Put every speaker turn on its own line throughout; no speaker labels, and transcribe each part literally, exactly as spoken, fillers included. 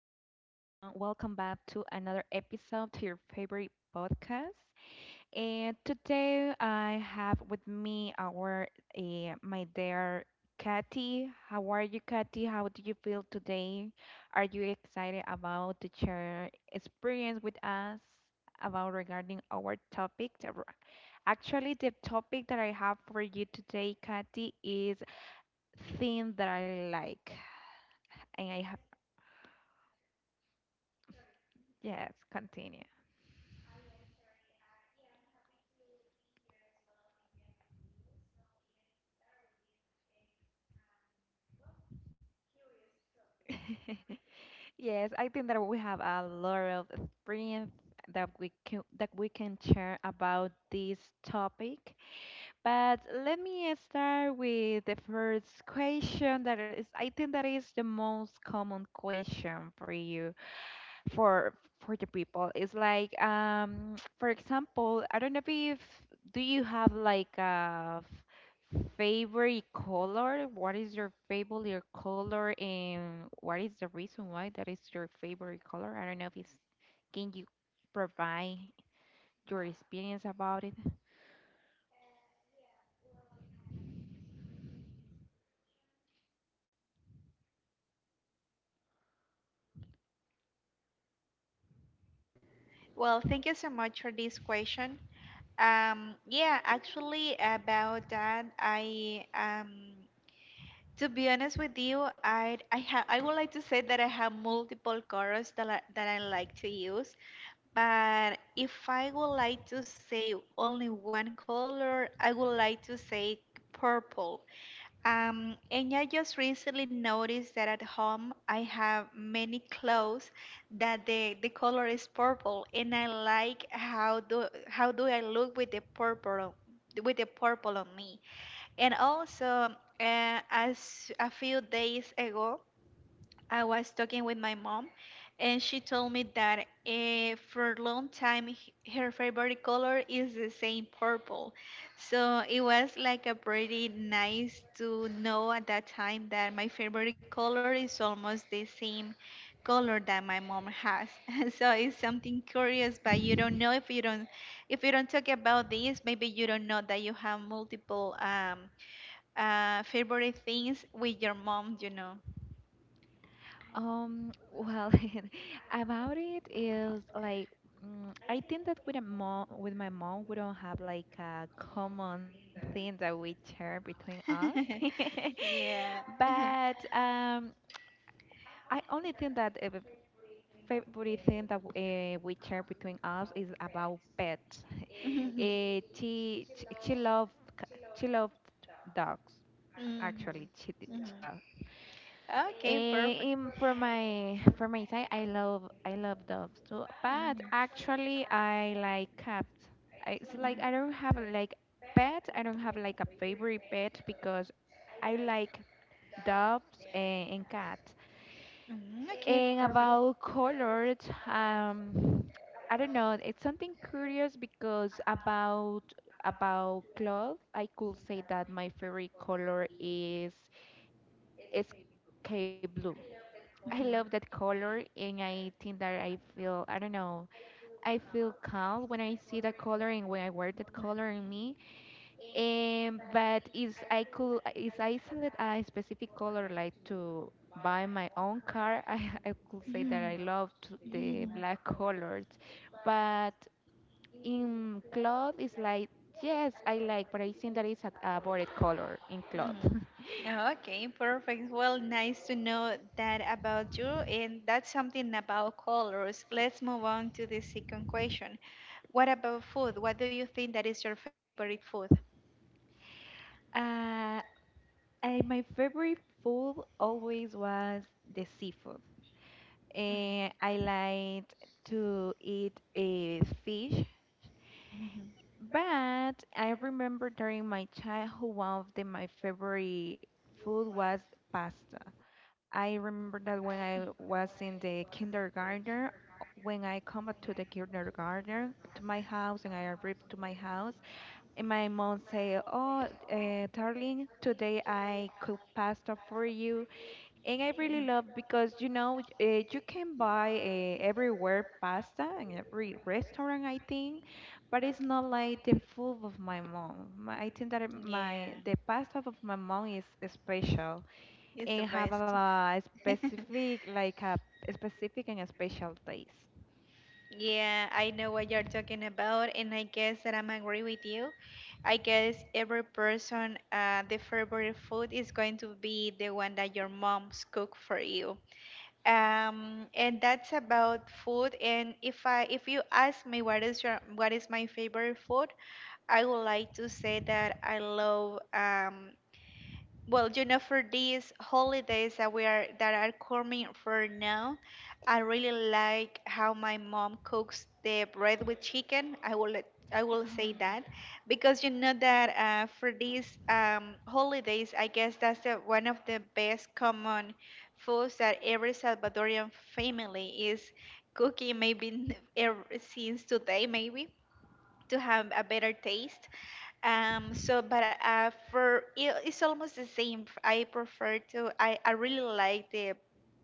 Welcome back to another episode to your favorite podcast. And today I have with me our uh, my dear Katy. How are you, Katy? How do you feel today? Are you excited about to share experience with us about regarding our topic? The r- Actually, the topic that I have for you today, Katy, is things that I like and I ha- Yes, continue. Yes, I think that we have a lot of experience that we can that we can share about this topic. But let me start with the first question that is I think that is the most common question for you, for for the people. It's like um for example, I don't know if do you have like a f- favorite color? What is your favorite color and what is the reason why that is your favorite color? I don't know if it's, can you provide your experience about it?
Well, thank you so much for this question. Um, yeah, actually about that, I um, to be honest with you, I I ha I would like to say that I have multiple colors that I, that I like to use, but if I would like to say only one color, I would like to say purple, um, and I just recently noticed that at home I have many clothes that the, the color is purple, and I like how do how do I look with the purple with the purple on me. And also, uh, as a few days ago, I was talking with my mom and she told me that uh, for a long time h- her favorite color is the same purple. So it was like a pretty nice to know at that time that my favorite color is almost the same color that my mom has. so it's something curious, but you don't know if you don't if you don't talk about this, maybe you don't know that you have multiple um, uh, favorite things with your mom. You know.
Um, well, about it is like mm, I think that with a mom, with my mom, we don't have like a common thing that we share between us.
yeah.
But um, I only think that a favorite thing that uh, we share between us is about pets. Eh,
Mm-hmm.
she she she loved c- she loved dogs.
Mm-hmm.
Actually, she d-
Mm-hmm.
she does.
Okay, perfect.
Eh, in, for
Mm-hmm.
my for my side, I love I love dogs too, but actually I like cats. I- It's like I don't have like pet. I don't have like a favorite pet because I like dogs and, and cats.
Mm-hmm. Okay,
And
perfect. Mm-hmm.
about colors, um, I don't know. It's something curious because about about clothes, I could say that my favorite color is sky blue. I love that color and I think that I feel, I don't know, I feel calm when I see that color and when I wear that color in me. Um, but is, I could, is I select a specific color like to buy my own car, I I could say that
Mm-hmm.
I love to, the
Mm-hmm.
black colors. But in cloth, it's like yes I like, but I think that is a, a bored color in cloth.
Mm. Oh, Okay, perfect. Well, nice to know that about you, and that's something about colors. Let's move on to the second question. What about food? What do you think that is your favorite food?
Uh, I, my favorite food always was the seafood. And I liked to eat a fish,
Mhm.
but I remember during my childhood, one of the, my favorite food was pasta. I remember that when I was in the kindergarten, when I come back to the kindergarten to my house and I arrived to my house, and my mom say, "Oh, uh, darling, today I cook pasta for you," and I really love because you know uh, you can buy uh, everywhere pasta in every restaurant, I think, but it's not like the food of my mom. My, I think that it-
Yeah,
my the pasta of my mom is special
it's the
and have
best.
a specific like a specific and a special taste.
Yeah, I know what you're talking about, and I guess that I'm agree with you. I guess every person, uh, the favorite food is going to be the one that your mom's cook for you. Um and that's about food, and if I if you ask me what is your what is my favorite food, I would like to say that I love. Um well, you know, for these holidays that we are that are coming for now, I really like how my mom cooks the bread with chicken. I will let- I will say that
Oh.
because you know that uh, for these um, holidays, I guess that's the, one of the best common foods that every Salvadorian family is cooking. Maybe n- ever, since today, maybe to have a better taste. Um, so, but uh, for it, it's almost the same. I prefer to. I, I really like the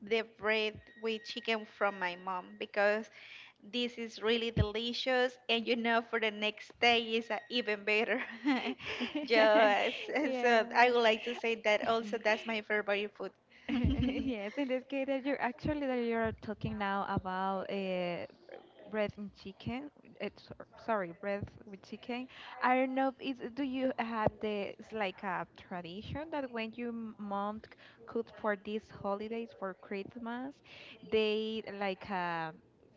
the bread with chicken from my mom because this is really delicious, and you know, for the next day is uh, even better. Just
Yes.
so I would like to say that also. That's my favorite food.
Yes, in this case that you're actually that you're talking now about uh, bread and chicken. It's sorry, bread with chicken. I don't know if it's, do you have the, it's like a tradition that when your m- mom c- cooks for these holidays for Christmas, they like uh,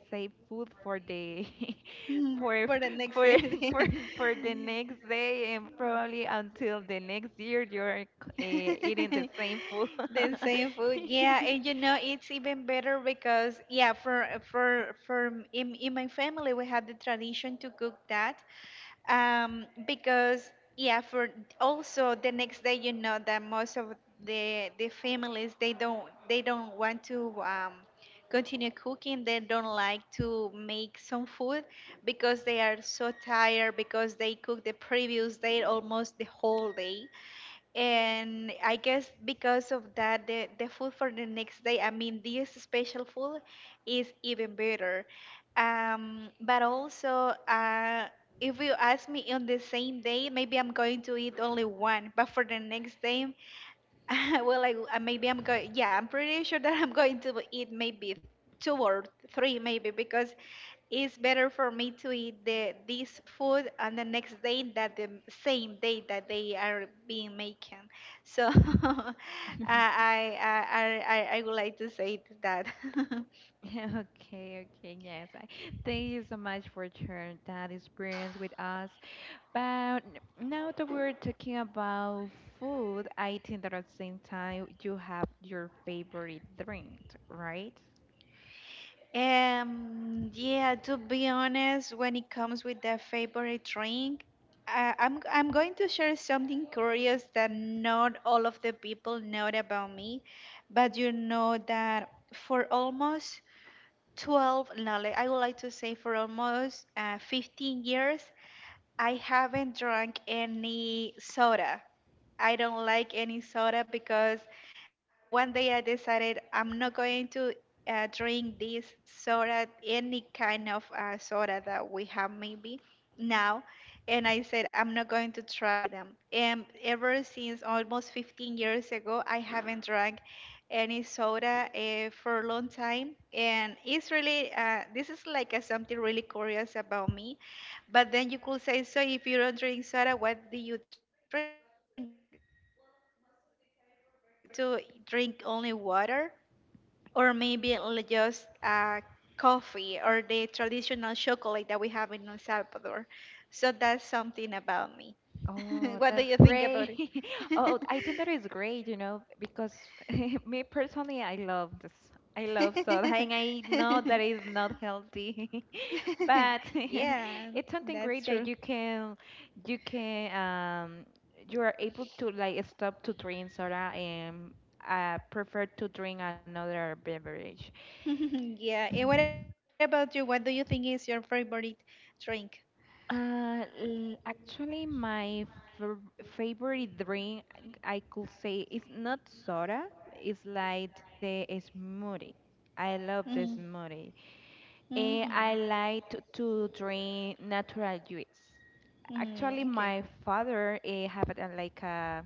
save food for the
Mm,
for
for the next
for for
day.
for the next day and probably until the next year you're uh, eating the same food.
The same food, yeah, and you know it's even better because yeah for for for m- in, in my family we have the tradition to cook that, um because yeah for also the next day, you know that most of the the families they don't they don't want to um continue cooking, they don't like to make some food because they are so tired because they cooked the previous day almost the whole day, and I guess because of that, the, the food for the next day, I mean, this special food is even better. Um, but also, uh, if you ask me on the same day, maybe I'm going to eat only one, but for the next day well, like uh, maybe I'm going. Yeah, I'm pretty sure that I'm going to eat maybe two or three, maybe because it's better for me to eat the this food on the next day than the same day that they are being making. So I, I I I I I would like to say that.
Okay, okay, yes. I thank you so much for sharing that experience with us. But n- now that we're talking about food, I think that at the same time you have your favorite drink, right?
Um, yeah, to be honest, when it comes with the favorite drink, uh, I'm I'm going to share something curious that not all of the people know about me, but you know that for almost twelve, no, like, I would like to say for almost uh, fifteen years, I haven't drank any soda. I don't like any soda because uh, one day I decided I'm not going to uh, drink this soda, any kind of uh, soda that we have maybe now. And I said, I'm not going to try them. And ever since almost fifteen years ago, I haven't drank any soda uh, for a long time. And it's really, uh, this is like a, something really curious about me. But then you could say, so if you don't drink soda, what do you drink? What do you drink? Well, most of the time I prefer to drink only water or maybe l- just uh, coffee or the traditional chocolate that we have in El Salvador. So that's something about me.
Oh,
What do you
that's
think about
great.
it?
Oh, I think that is great, you know, because me personally, I love this. I love soda, and I know that is not healthy, but
Yeah,
it's something great
that's
that
true.
you can you can um you are able to like stop to drink soda and uh prefer to drink another beverage.
Yeah, and what about you? What do you think is your favorite drink?
uh l- actually my fav favorite drink I could say is not soda. It's like the smoothie. I love the
Mm.
smoothie and
Hmm.
I like to, to drink natural juice. Actually,
Mm-hmm. Okay.
my father eh, have it, uh, like a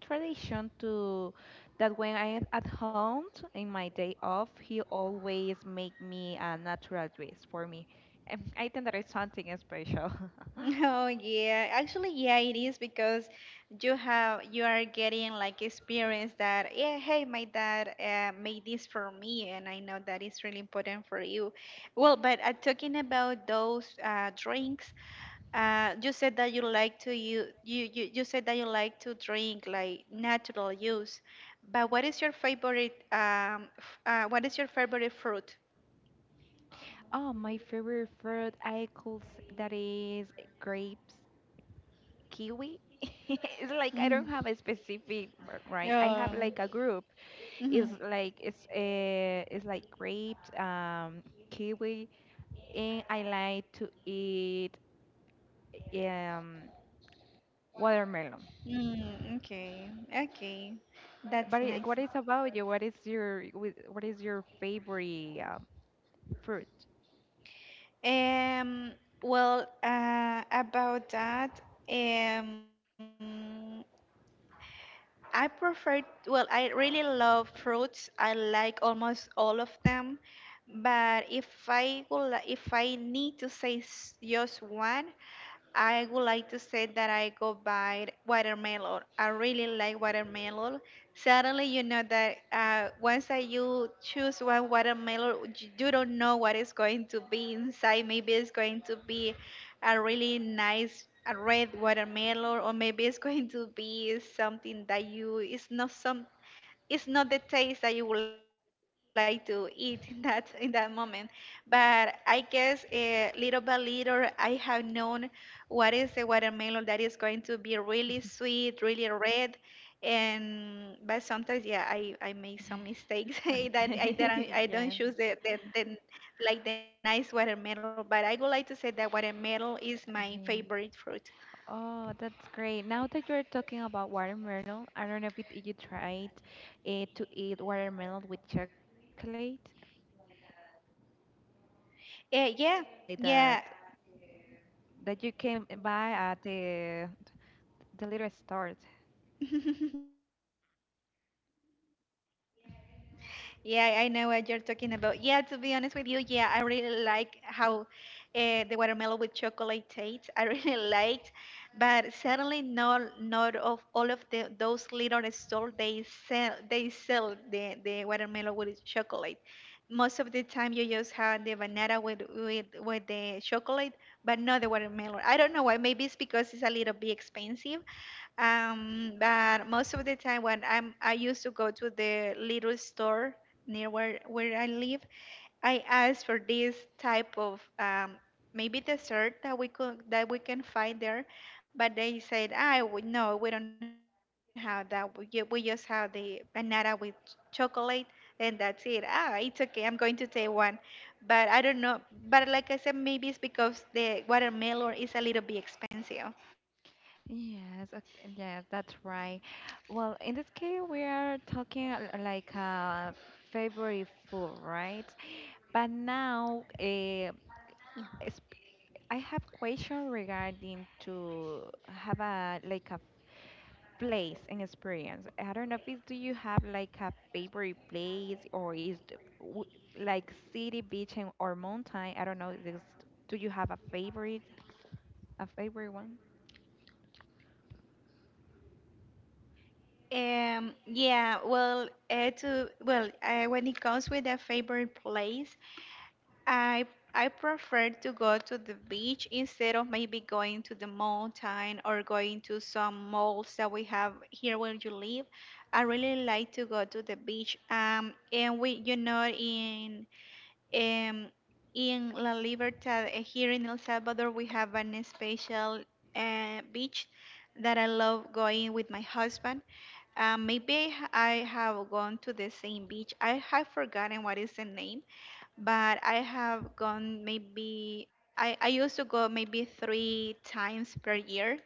tradition to that when I am at home in my day off, he always make me a natural dress for me. And I think that is something special.
Oh yeah, actually yeah it is because you have you are getting like experience that, yeah, hey, my dad, uh, made this for me and I know that is really important for you. Well, but uh, talking about those uh, drinks, uh, you said that you like to you, you you you said that you like to drink like natural juice, but what is your favorite um f- uh, what is your favorite fruit?
Oh, my favorite fruit, I could s- that is grapes, kiwi. It's like I
Mhm.
don't have a specific, r- right? I have
Oh.
like a group.
Mhm.
It's like it's uh, it's like grapes, um, kiwi, and I like to eat um, watermelon.
Mm, okay, okay,
But
that's
it-
nice.
what is about you? What is your wh- what is your favorite um, fruit?
Um, well, uh, about that, um, I prefer, well, I really love fruits. I like almost all of them, but if I will, if I need to say s- just one, I would like to say that I go by watermelon. I really like watermelon. Suddenly, you know that uh, once I you choose one watermelon, you you don't know what is going to be inside. Maybe it's going to be a really nice, uh, red watermelon, or maybe it's going to be something that you it's not, some it's not the taste that you would like to eat in that in that moment, but I guess, uh, little by little I have known what is a watermelon that is going to be really sweet, really red, and but sometimes, yeah, i i make some mistakes that i don't
Yes.
I don't choose, the, the the like the nice watermelon, but I would like to say that watermelon is my
Yeah.
favorite fruit.
Oh, that's great. Now that you're talking about watermelon, I don't know if it, you tried uh, to eat watermelon with chocolate. It's like that that you
Uh,
can
yeah,
buy
yeah.
at the the little stores.
Yeah, I know what you're talking about. Yeah, to be honest with you, yeah, I really like how uh, the watermelon with chocolate taste. I really liked, but certainly not not of all of the those little stores they sell they sell the the watermelon with chocolate. Most of the time you just have the banana with with with the chocolate, but not the watermelon. I don't know why. Maybe it's because it's a little bit expensive. Um, but most of the time when I'm I used to go to the little store near where where I live, I asked for this type of, um, maybe dessert that we could that we can find there, but they said, "Ah, " "I would no, we don't have that. We, ju- we just have the banana with chocolate, and that's it. Ah, it's okay. I'm going to take one, but I don't know. But like I said, maybe it's because the watermelon is a little bit expensive.
Yes, okay, yes, that's right. Well, in this case, we are talking uh, like a favorite food, right? But now, uh, I have question regarding to have a like a place and experience. I don't know if it's, do you have like a favorite place or is the- w- like city, beach, and or mountain? I don't know. This, do you have a favorite, a favorite one?
Um, yeah, well, uh, to well, uh, when it comes with a favorite place. I I prefer to go to the beach instead of maybe going to the mountain or going to some malls that we have here where you live. I really like to go to the beach. Um, and we, you know, in um, in La Libertad, eh, here in El Salvador, we have an special, uh, beach that I love going with my husband. Um, maybe I have gone to the same beach. I have forgotten what is the name, but I have gone maybe I, I used to go maybe three times per year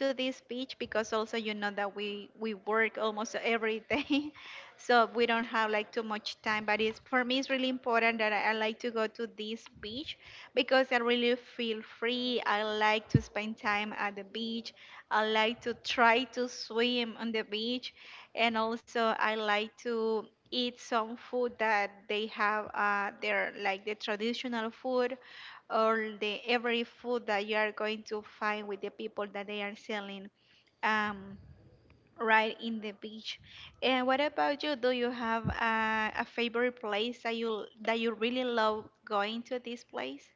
to this beach because also you know that we we work almost every day, so we don't have like too much time, but it's for me it's really important that I, I like to go to this beach because I really feel free. I like to spend time at the beach. I like to try to swim on the beach, and also I like to eat some food that they have, uh, their like the traditional food or the every food that you are going to find with the people that they are selling, um, right in the beach. And what about you? Do you have a, a favorite place that you that you really love going to this place?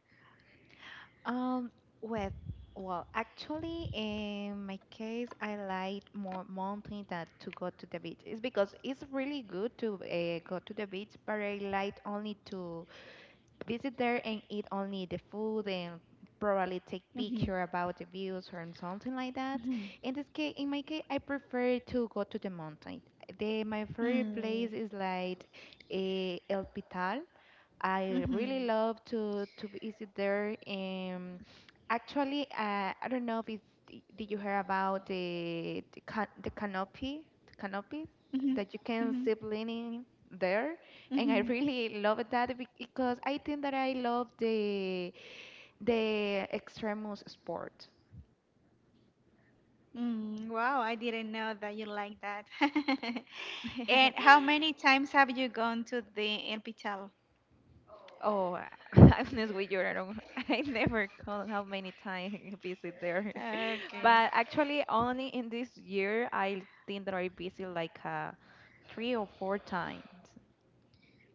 Um, well, well, actually, in my case, I like more mountain than to go to the beach. It's because it's really good to uh, go to the beach, but I like only to visit there and eat only the food and probably take
Mhm,
picture about the views or something like that.
mhm,
In this case, in my case, I prefer to go to the mountain. Eh, The my favorite
mm,
place is like uh, El Pital. I really
mhm,
love to to visit there. Um, actually, uh, I don't know if it's, d- did you hear about the the, ca- the canopy, the canopy
mhm,
that you can
mhm,
zip lining there, and I
mhm.
really love that bec- because I think that I love the the extreme sport. I
Mm,
think that
wow, I didn't know that you like that.
is.
And how many times have you gone to the hospital?
Oh, I'm honest with you, I don't. I never called how many times visit there.
Okay.
But actually, only in this year, I think that I visit like uh, three or four times.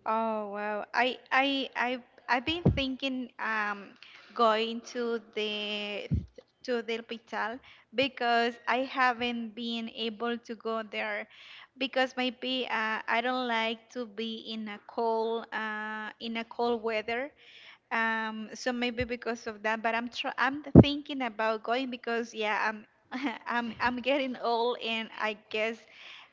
Oh wow. I I I I've been thinking um going to the to the hospital because I haven't been able to go there because maybe uh, I don't like to be in a cold uh in a cold weather. Um, so maybe because of that, but I'm tr- I'm thinking about going because yeah, I'm I'm I'm getting old, and I guess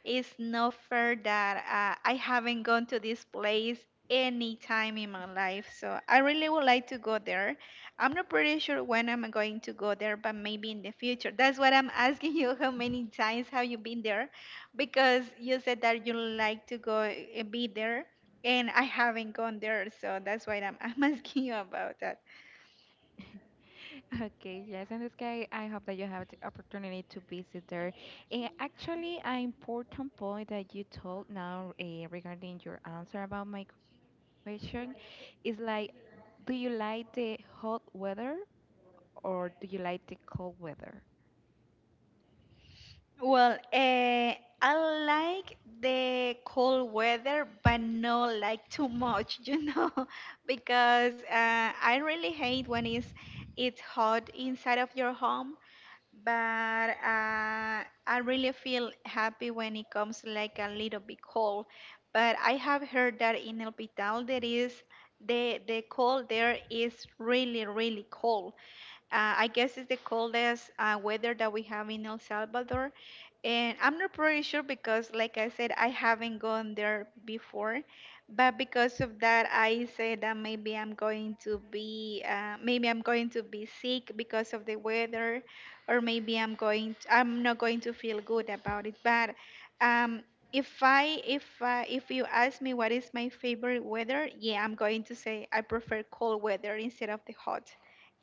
it's not fair that uh, I haven't gone to this place any time in my life. So I really would like to go there. I'm not pretty sure when I'm going to go there, but maybe in the future. That's what I'm asking you. How many times have you been there? Because you said that you like to go uh, be there and I haven't gone there, so that's why I'm, I'm asking you about that.
Okay, yes, in this case, I hope that you have the opportunity to visit there. And actually, an important point that you told now uh, regarding your answer about my question is like, do you like the hot weather or do you like the cold weather?
Well, uh, I like the cold weather, but not like too much, you know, because uh, I really hate when it's it's hot inside of your home. But uh, I really feel happy when it comes like a little bit cold. But I have heard that in El Pital there is the the cold, there is really really cold. Uh, I guess it's the coldest uh, weather that we have in El Salvador. And I'm not pretty sure because, like I said, I haven't gone there before. But because of that, I said that maybe I'm going to be, uh, maybe I'm going to be sick because of the weather, or maybe I'm going, to, I'm not going to feel good about it. But um, if I, if uh, if you ask me what is my favorite weather, yeah, I'm going to say I prefer cold weather instead of the hot.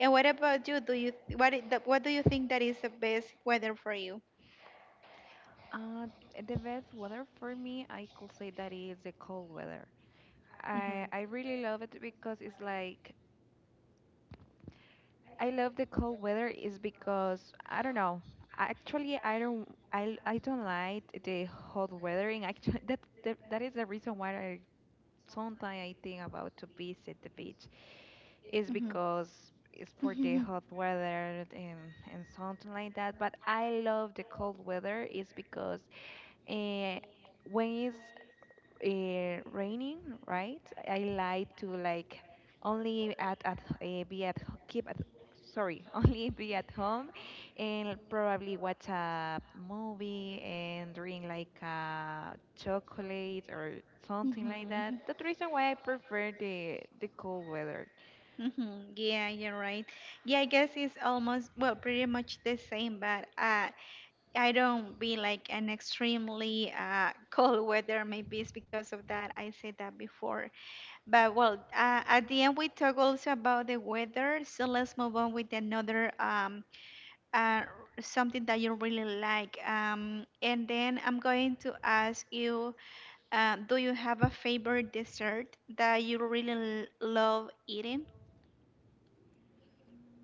And what about you? Do you what i- the- what do you think that is the best weather for you?
Uh, the best weather for me, I could say that is the cold weather.
Mhm.
I I really love it because it's like I love the cold weather is because I don't know. I- Actually, I don't, I I don't like the hot weather. And actually, that that, that is the reason why I sometimes I think about to visit the beach is
Mhm.
because it's for the
Mhm.
hot weather and and something like that. But I love the cold weather is because uh, when it's uh, raining, right? I like to like only at at uh, be at h- keep at sorry only be at home and probably watch a movie and drink like a chocolate or something
Mhm.
like
Mhm.
that. That's the reason why I prefer the the cold weather.
Yeah, you're right. Yeah, I guess it's almost, well, pretty much the same, but uh, I don't be like an extremely uh, cold weather. Maybe it's because of that. I said that before. But well, uh, at the end we talk also about the weather. So let's move on with another um uh, something that you really like. Um, and then I'm going to ask you, uh, do you have a favorite dessert that you really l- love eating?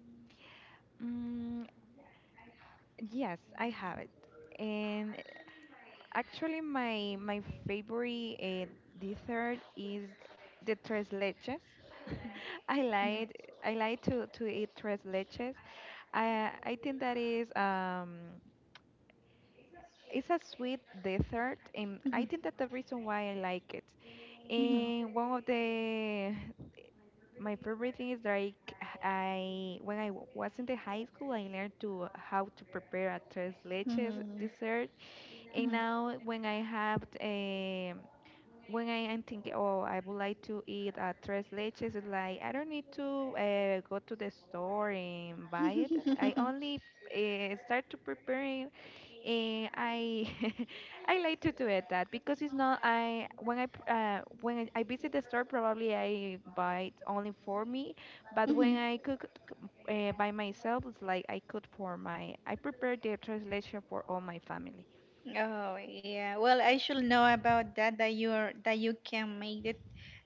Mm, yes, I have it. And actually, my my favorite uh, dessert is the tres leches. I lied.
Mhm,
I like to to eat tres leches. I I think that is um it's a sweet dessert, and I think that the reason why I like it.
mhm,
And one of the my favorite thing is like I when I w- was in the high school, I learned to how to prepare a tres
mhm,
leches
mhm,
dessert, and
mhm.
now when I have eh, when I am thinking, oh, I would like to eat uh, tres leches, it's like I don't need to uh, go to the store and buy it. I only uh, start to preparing, and I I like to do it that because it's not I when I pr- uh, when I, I visit the store probably I buy it only for me, but when
Mhm.
I cook uh, by myself, it's like I cook for my I prepare the translation for all my family.
Oh yeah. Well, I should know about that that you're that you can make it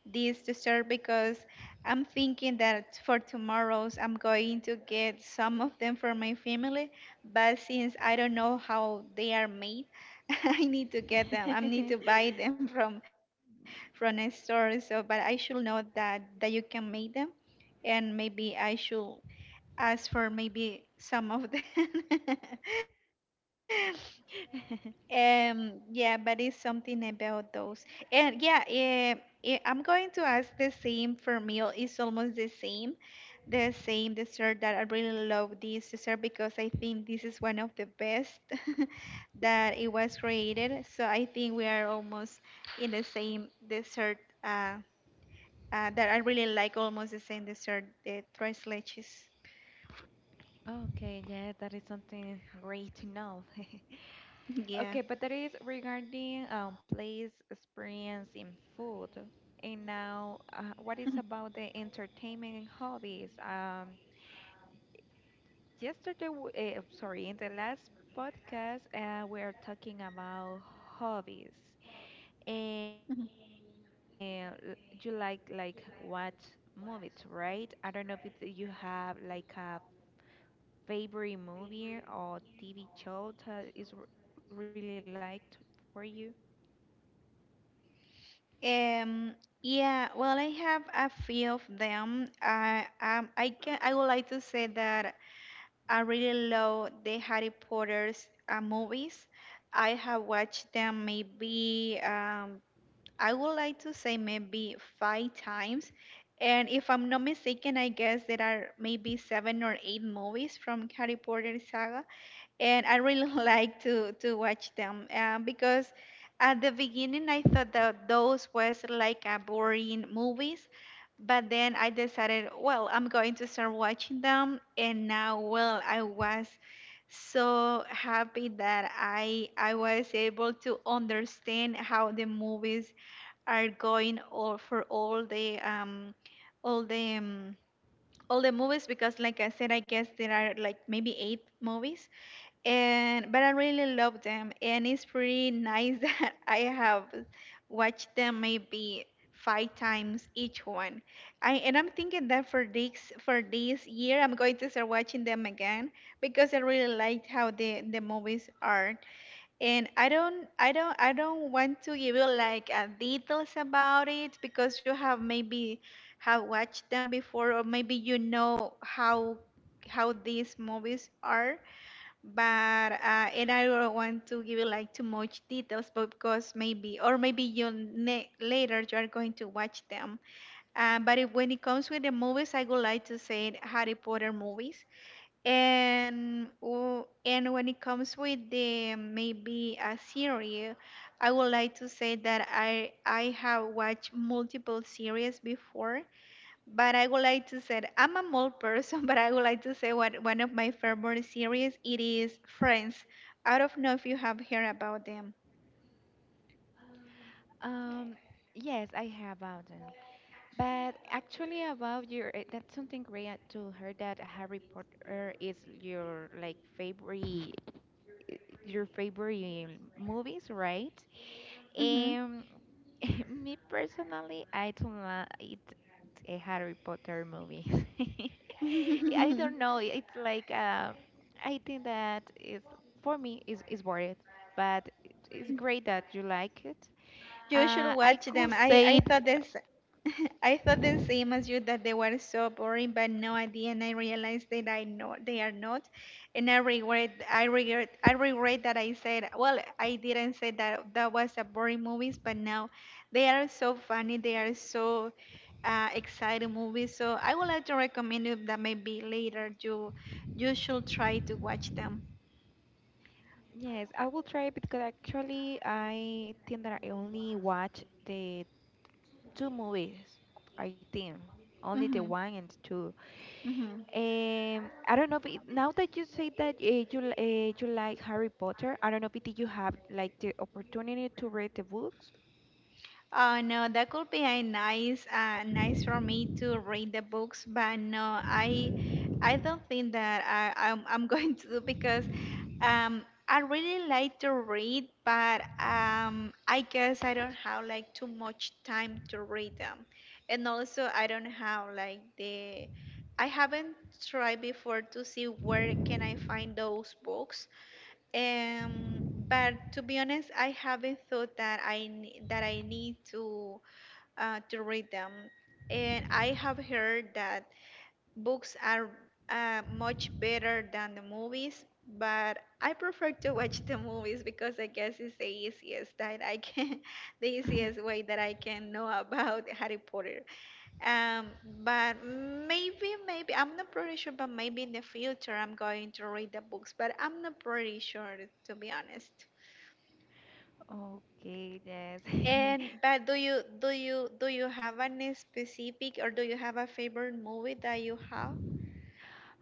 this dessert, because I'm thinking that for tomorrow's I'm going to get some of them for my family, but since I don't know how they are made, I need to get them. I need to buy them from from a store. So, but I should know that that you can make them, and maybe I should ask for maybe some of them. Um, yeah, but it's something about those. And yeah, eh, eh, I'm going to ask the same for meal. It's almost the same, the same dessert that I really love this dessert because I think this is one of the best that it was created. So I think we are almost in the same dessert uh, uh, that I really like, almost the same dessert, the tres leches.
Okay, yeah, that is something great to know.
Yeah.
Okay, but that is regarding um, place experience in food. And
Mm-hmm.
now, uh, what is about the entertainment and hobbies? Um, yesterday, uh, sorry, in the last podcast, uh, we are talking about hobbies. And you said that uh, l- you like like watch movies, right? I don't know if you have like a favorite movie or T V show that is r- really liked for you?
Um, yeah, well, I have a few of them. I um, I can I would like to say that I really love the Harry Potter's uh, movies. I have watched them maybe um, I would like to say maybe five times. And if I'm not mistaken, I guess there are maybe seven or eight movies from Harry Potter saga, and I really like to to watch them um, because at the beginning I thought that those was like a boring movies, but then I decided, well, I'm going to start watching them, and now, well, I was so happy that I I was able to understand how the movies are going all for all the um all the um, all the movies, because like I said I guess there are like maybe eight movies, and but I really love them, and it's pretty nice that I have watched them maybe five times each one. I and I'm thinking that for this for this year, I'm going to start watching them again because I really liked how the the movies are, and I don't I don't I don't want to give you like uh, details about it because you have maybe have watched them before, or maybe you know how how these movies are. But uh, and I don't want to give you like too much details, but because maybe, or maybe you ne- later you are going to watch them. Uh, but if, when it comes with the movies, I would like to say Harry Potter movies, and w- and when it comes with the maybe a series, I would like to say that I I have watched multiple series before, but I would like to say I'm a mold person, but I would like to say what one of my favorite series it is Friends. I don't know if you have heard about them.
Um, yes, I have about them. But actually, about your, eh, that's something great uh, to hear that Harry Potter is your like favorite, your favorite eh, movies, right?
Hmm.
Um, Me personally, I do not eat a Harry Potter movie. I don't know. It's like uh, I think that is for me is is boring, but it- it's great that you like it.
You should
Uh, I
watch
could
them. I
say
I
th-
thought this I thought the same as you, that they were so boring, but no, at the end I realized that, I know they are not, and I regret I regret I regret that I said, well, I didn't say that that was a boring movies, but now they are so funny, they are so uh, exciting movies. So I would like to recommend you that maybe later you you should try to watch them.
yes. I will try because actually I think that I only watch the two movies. I think only the
Mhm.
one and two.
Mhm.
Um, I don't know, but now that you say that uh, you li- uh, you like Harry Potter, I don't know, but did you have like the opportunity to read the books?
Oh no, that could be a nice, uh, nice for me to read the books, but no, I, I don't think that I, I'm, I'm going to do because, um, I really like to read, but um, I guess I don't have like too much time to read them, and also I don't have like the, I haven't tried before to see where can I find those books, um, but to be honest, I haven't thought that I ne- that I need to uh, to read them, and I have heard that books are uh, much better than the movies. But I prefer to watch the movies because I guess it's the easiest that I can, the easiest way that I can know about Harry Potter. Um, but maybe, maybe I'm not pretty sure, but maybe in the future I'm going to read the books, but I'm not pretty sure to be honest.
Okay, yes.
And but do you do you do you have any specific, or do you have a favorite movie that you have?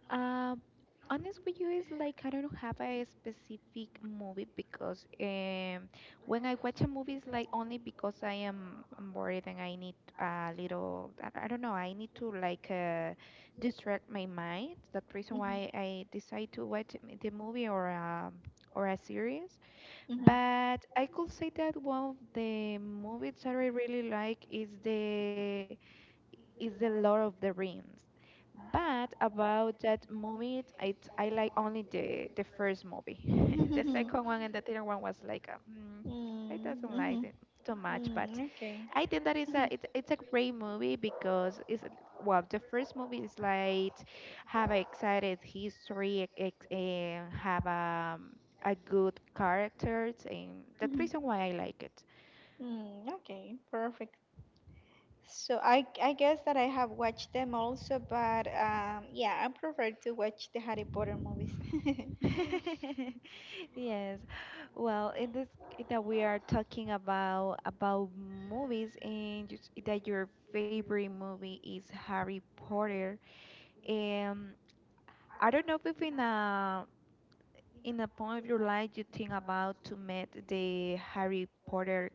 Um, Honest with you is like I don't have a specific movie, because um when I watch a movie it's like only because I am am bored and I need a little, I I don't know, I need to like uh, distract my mind. That reason why I decide to watch m- the movie or a or a series.
Mhm,
But I could say that one of the movies that I really like is the is The Lord of the Rings. But about that movie, I, t- I like only the, the first movie. The
mhm.
second one and the third one was like, a, mm,
Mm,
I doesn't like
mhm.
it too much. But
Mm, okay.
I think that is a
Mhm,
it's, it's a great movie because it's well the first movie is like have a excited history, ex- and have a, a good characters, and that's
mhm.
reason why I like it.
Mm, okay, perfect. So I I guess that I have watched them also, but um, yeah, I prefer to watch the Harry Potter movies.
Yes. Well, in this that we are talking about about movies and you s- that your favorite movie is Harry Potter. Um, I don't know if in a in a point of your life you think about to meet the Harry Potter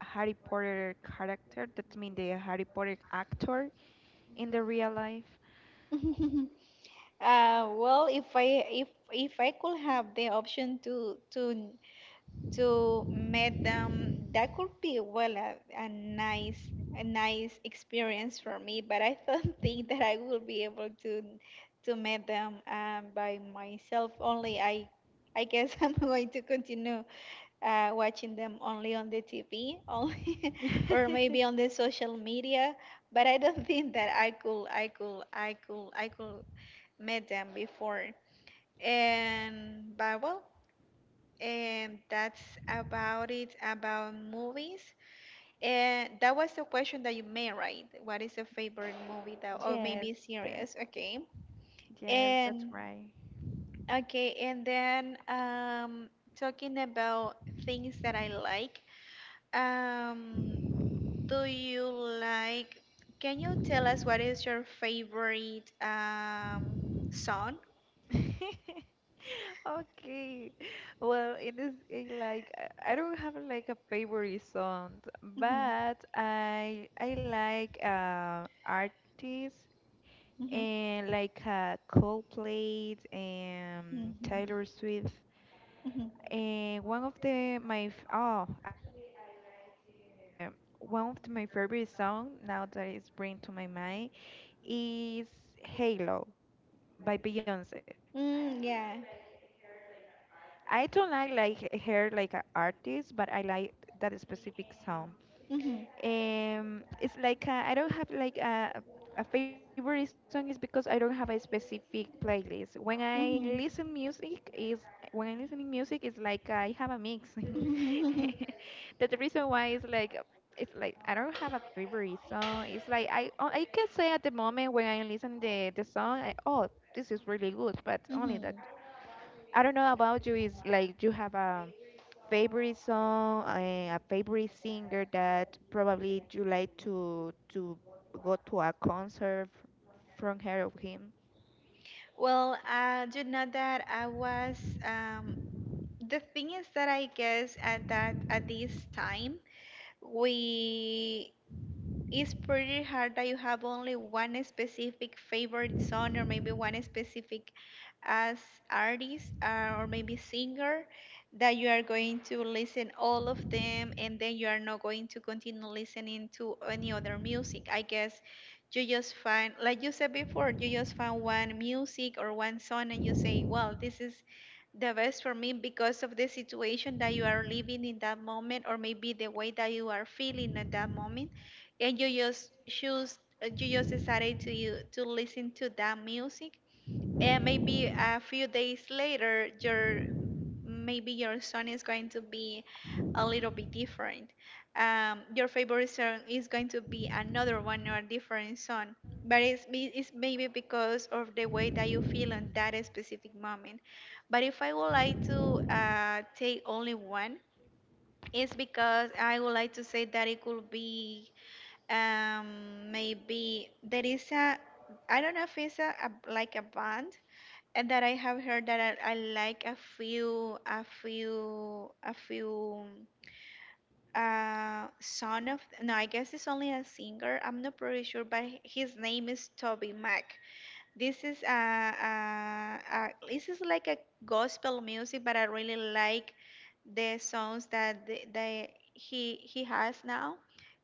Harry Potter character, that means the Harry Potter actor in the real life.
Uh, well, if I if if I could have the option to to So, madam, that could be, well, a, a nice a nice experience for me, but I don't think that I will be able to to meet them um, by myself. Only I I guess I'm going to continue uh, watching them only on the T V, only or maybe on the social media. But I don't think that I could I could I could I could meet them before. And but well, and that's about it about movies. And that was the question that you made, right? What is your favorite movie that, or
Yes,
maybe
the,
series? Okay.
yes, that's
And
right.
okay, and then um, talking about things that I like. Um, do you like? Can you tell us what is your favorite um song?
Okay. Well, in this case, like I I don't have like a favorite song,
Mhm,
but I I like uh, artists
mhm,
and like uh, Coldplay and
mhm,
Taylor Swift.
mhm.
And one of the my f- oh, actually I like the one of my favorite song now that is bring to my mind is Halo by Beyonce. I
Mm,
don't
yeah.
like like her like an artist, but I like that specific song. Um, it's
Mm-hmm.
like uh, I don't have like a a favorite song is because I don't have a specific playlist. When I listen music is
Mhm.
when i listening music it's like I have a mix. That's the reason
Mhm.
why it's like it's like I don't have a favorite song. It's like I oh, I can say at the moment when I listen the the song, I, oh, this is really good, but only that
Mhm.
I don't know about you is like you have a favorite song, eh, a favorite singer that probably you like to to go to a concert f- from her or him.
Well, uh, you know that I was um, the thing is that I guess at that at this time we it's pretty hard that you have only one specific favorite song, or maybe one specific as artist uh, or maybe singer that you are going to listen all of them, and then you are not going to continue listening to any other music. I guess you just find, like you said before, you just find one music or one song, and you say, well, this is the best for me because of the situation that you are living in that moment, or maybe the way that you are feeling at that moment, and you just choose uh, you just decided to you to listen to that music. And maybe a few days later your maybe your song is going to be a little bit different, um, your favorite song is going to be another one or a different song. But it's, be- it's maybe because of the way that you feel on that specific moment. But if I would like to uh, take only one, it's because I would like to say that it could be, um, maybe there is a, I don't know if it's a, a like a band, and that I have heard that I, I like a few a few a few uh son of no, I guess it's only a singer. I'm not pretty sure, but his name is Toby Mac. This is a, a, a this is like a gospel music, but I really like the songs that the, the he he has now,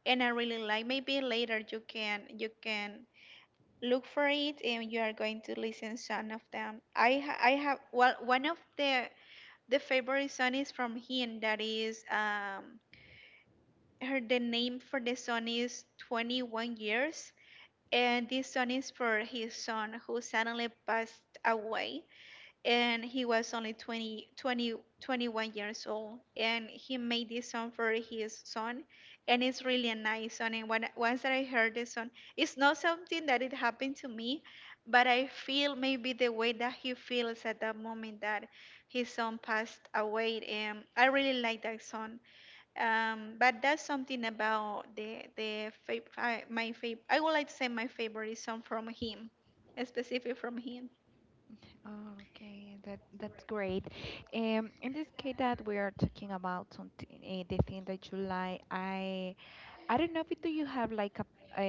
and I really like. Maybe later you can you can look for it, and you are going to listen some of them. I ha- I have, well, one of the the favorite song is from him, that is, um, her the name for the song is twenty-one years, and this song is for his son who suddenly passed away, and he was only 20, 20, twenty-one years old. And he made this song for his son, and it's really a nice song. And when, once that I heard this song, it's not something that it happened to me, but I feel maybe the way that he feels at that moment that his son passed away. And I really like that song. Um, but that's something about the the fav I, my fav I would like to say my favorite song from him, specific from him,
Oh, okay, that that's great. Um, in this case that we are talking about something, uh, the thing that you like, I I don't know if do you have like a a,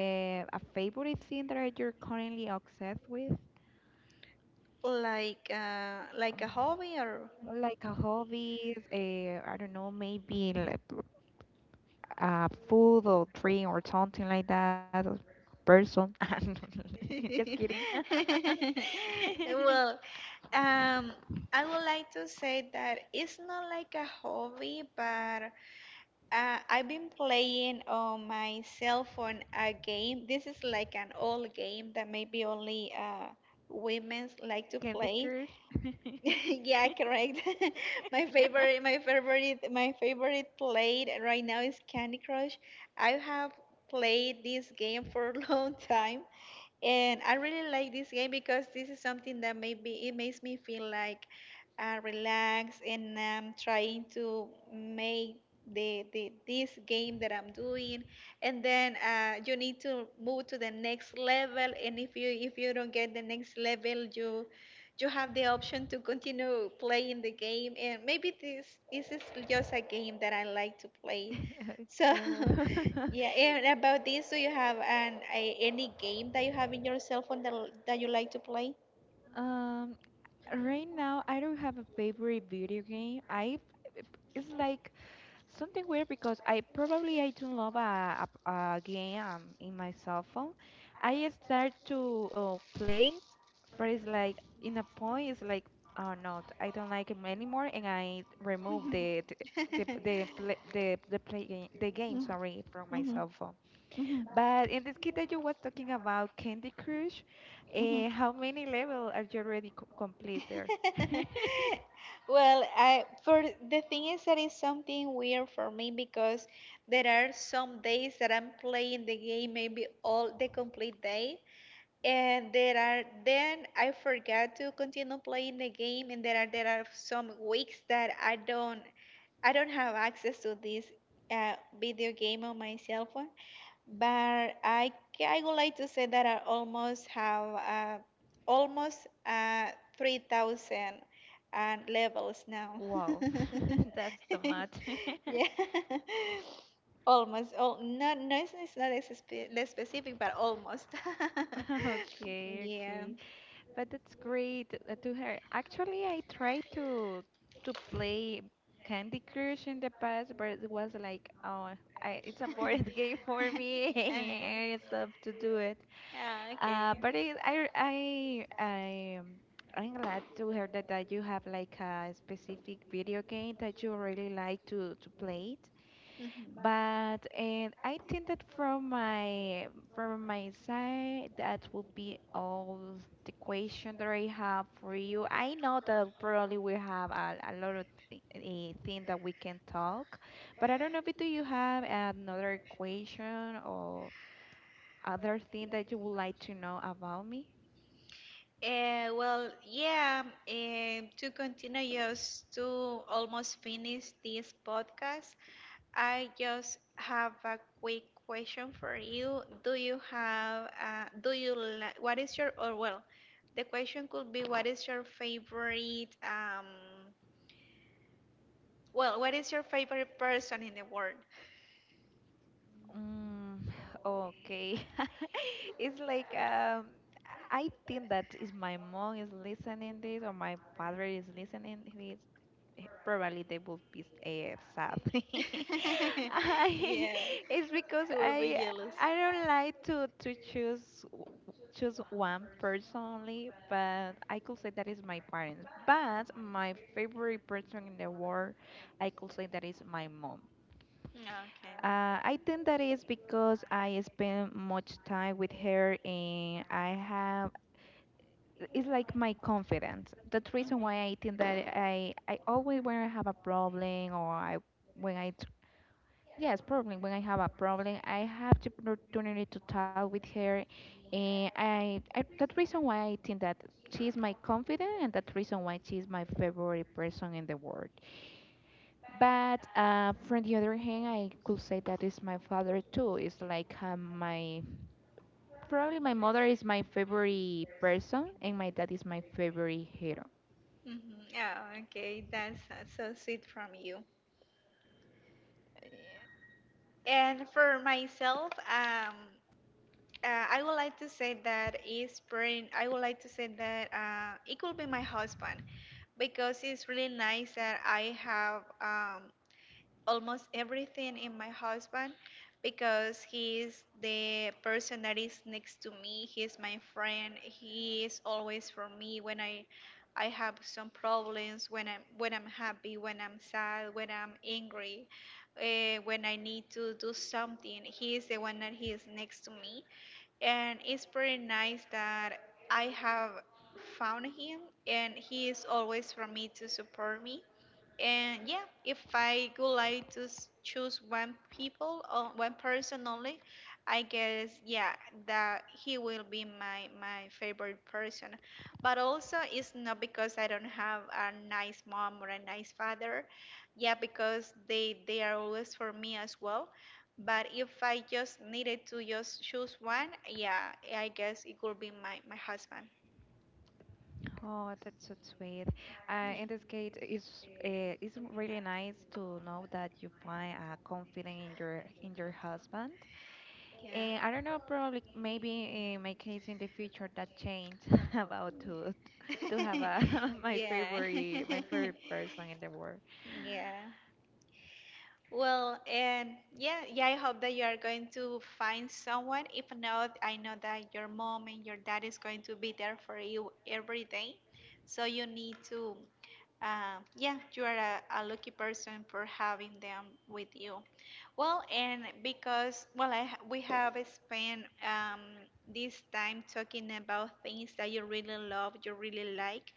a favorite thing that you're currently obsessed with,
like uh, like
um,
a hobby or.
like a hobby. Uh, I don't know, maybe like, uh, food or drink or something like that, or person. Just kidding.
Well, um, I would like to say that it's not like a hobby, but uh, I've been playing on my cell phone a game. This is like an old game that maybe only uh, women like to
Candy
play.
Crush.
Yeah, correct. my favorite, my favorite, my favorite played right now is Candy Crush. I have played this game for a long time, and I really like this game because this is something that maybe it makes me feel like uh, relaxed, and I'm trying to make the, the this game that I'm doing. And then uh, you need to move to the next level. And if you if you don't get the next level, you you have the option to continue playing the game. And maybe this, this is just a game that I like to play, so,
Oh.
yeah. And about this, do you have an a, any game that you have in your cell phone that that you like to play?
um, right now I don't have a favorite video game. I It's like something weird because I probably I don't love a, a, a game um, in my cell phone. I start to uh, play it, but it's like in a point it's like oh no, t- I don't like him anymore, and I remove
Mhm,
the the the the play, the, the play game, the game,
Mm,
sorry, from my
mhm,
cell phone.
mhm,
But in this kid that you was talking about Candy Crush,
mhm.
uh, how many level are you already co complete there?
Well, I for the thing is that is something weird for me because there are some days that I'm playing the game maybe all the complete day, and there are then I forget to continue playing the game, and there are there are some weeks that I don't I don't have access to this uh, video game on my cell phone. But I, ca- I would like to say that I almost have uh, almost uh, three thousand uh, levels now.
Wow, that's too much.
Yeah, almost. Oh, not, no, it's it's not as spe- less specific, but almost.
Okay,
Yeah.
okay. But that's great uh, to hear. Actually, I tried to to play Candy Crush in the past, but it was like, oh, I, it's a board game for me. I
Uh,
stopped to do it.
yeah,
Uh,
okay.
but I I I I um, I'm glad to hear that, that you have like a specific video game that you really like to to play.
Mhm. Uh,
But and I think that from my from my side, that would be all the question that I have for you. I know that probably we have a, a lot of th eh, thing that we can talk, but I don't know if do you have another question or other thing that you would like to know about me?
well, yeah, um, to continue, just to almost finish this podcast, I just have a quick question for you. Do you have, uh, do you like, what is your, or well, the question could be, what is your favorite, um, well, what is your favorite person in the world?
Mm, okay. It's like um I think that if my mom is listening this or my father is listening this, eh, probably they will be uh, sad. I,
Yeah,
it's because
he will be
I
jealous.
I don't like to to choose w- choose one personally, but I could say that is my parents. But my favorite person in the world, I could say that is my mom.
Okay.
Uh, I think that is because I spend much time with her and I have, it's like my confidence. That's reason
Mhm.
why I think that I, I always when I have a problem or I, when I, tr- yes, problem, when I have a problem, I have the opportunity to talk with her and I, I that reason why I think that she is my confidant and that reason why she is my favorite person in the world. But uh, from the other hand, I could say that is my father too. It's like um, my probably my mother is my favorite person, and my dad is my favorite hero.
Mhm. Yeah, okay, that's uh, so sweet from you. And for myself, um, uh, I would like to say that is pretty, I would like to say that uh, it could be my husband, because it's really nice that I have, um, almost everything in my husband because he's the person that is next to me. He's my friend. He is always for me when I I have some problems, when I'm when I'm happy, when I'm sad, when I'm angry, uh, when I need to do something. He is the one that he is next to me, and it's pretty nice that I have found him, and he is always for me to support me. And yeah, if I would like to s- choose one people or one person only, I guess, yeah, that he will be my my favorite person. But also, it's not because I don't have a nice mom or a nice father. Yeah, because they they are always for me as well. But if I just needed to just choose one, yeah, I guess it could be my my husband.
Oh, that's so sweet. Uh, in this case, it's uh, it's really nice to know that you find uh, confidence in your in your husband.
Yeah.
And I don't know, probably maybe in my case in the future that
Yeah.
change about to to have a my
Yeah.
favorite my favorite person in the world.
Yeah. Well, and yeah, yeah, I hope that you are going to find someone. If not, I know that your mom and your dad is going to be there for you every day. So you need to, uh, yeah, you are a, a lucky person for having them with you. Well, and because, well, I, ha- we have spent um, this time talking about things that you really love, you really like.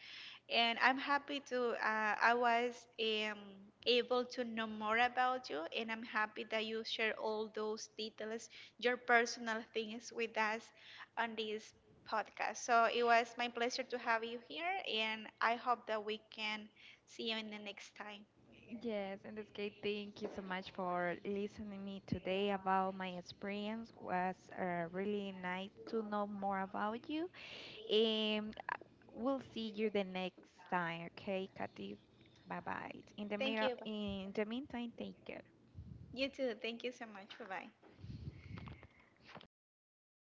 And I'm happy to, uh, I was um, able to know more about you, and I'm happy that you share all those details, your personal things with us on this podcast. So it was my pleasure to have you here, and I hope that we can see you in the next time.
Yes, in this case, thank you so much for listening to me today about my experience. Was uh, really nice to know more about you, and we'll see you the next time. Okay, Katy. Bye bye. In the
Thank
middle,
you.
in the meantime, take care.
You too. Thank you so much. Bye bye.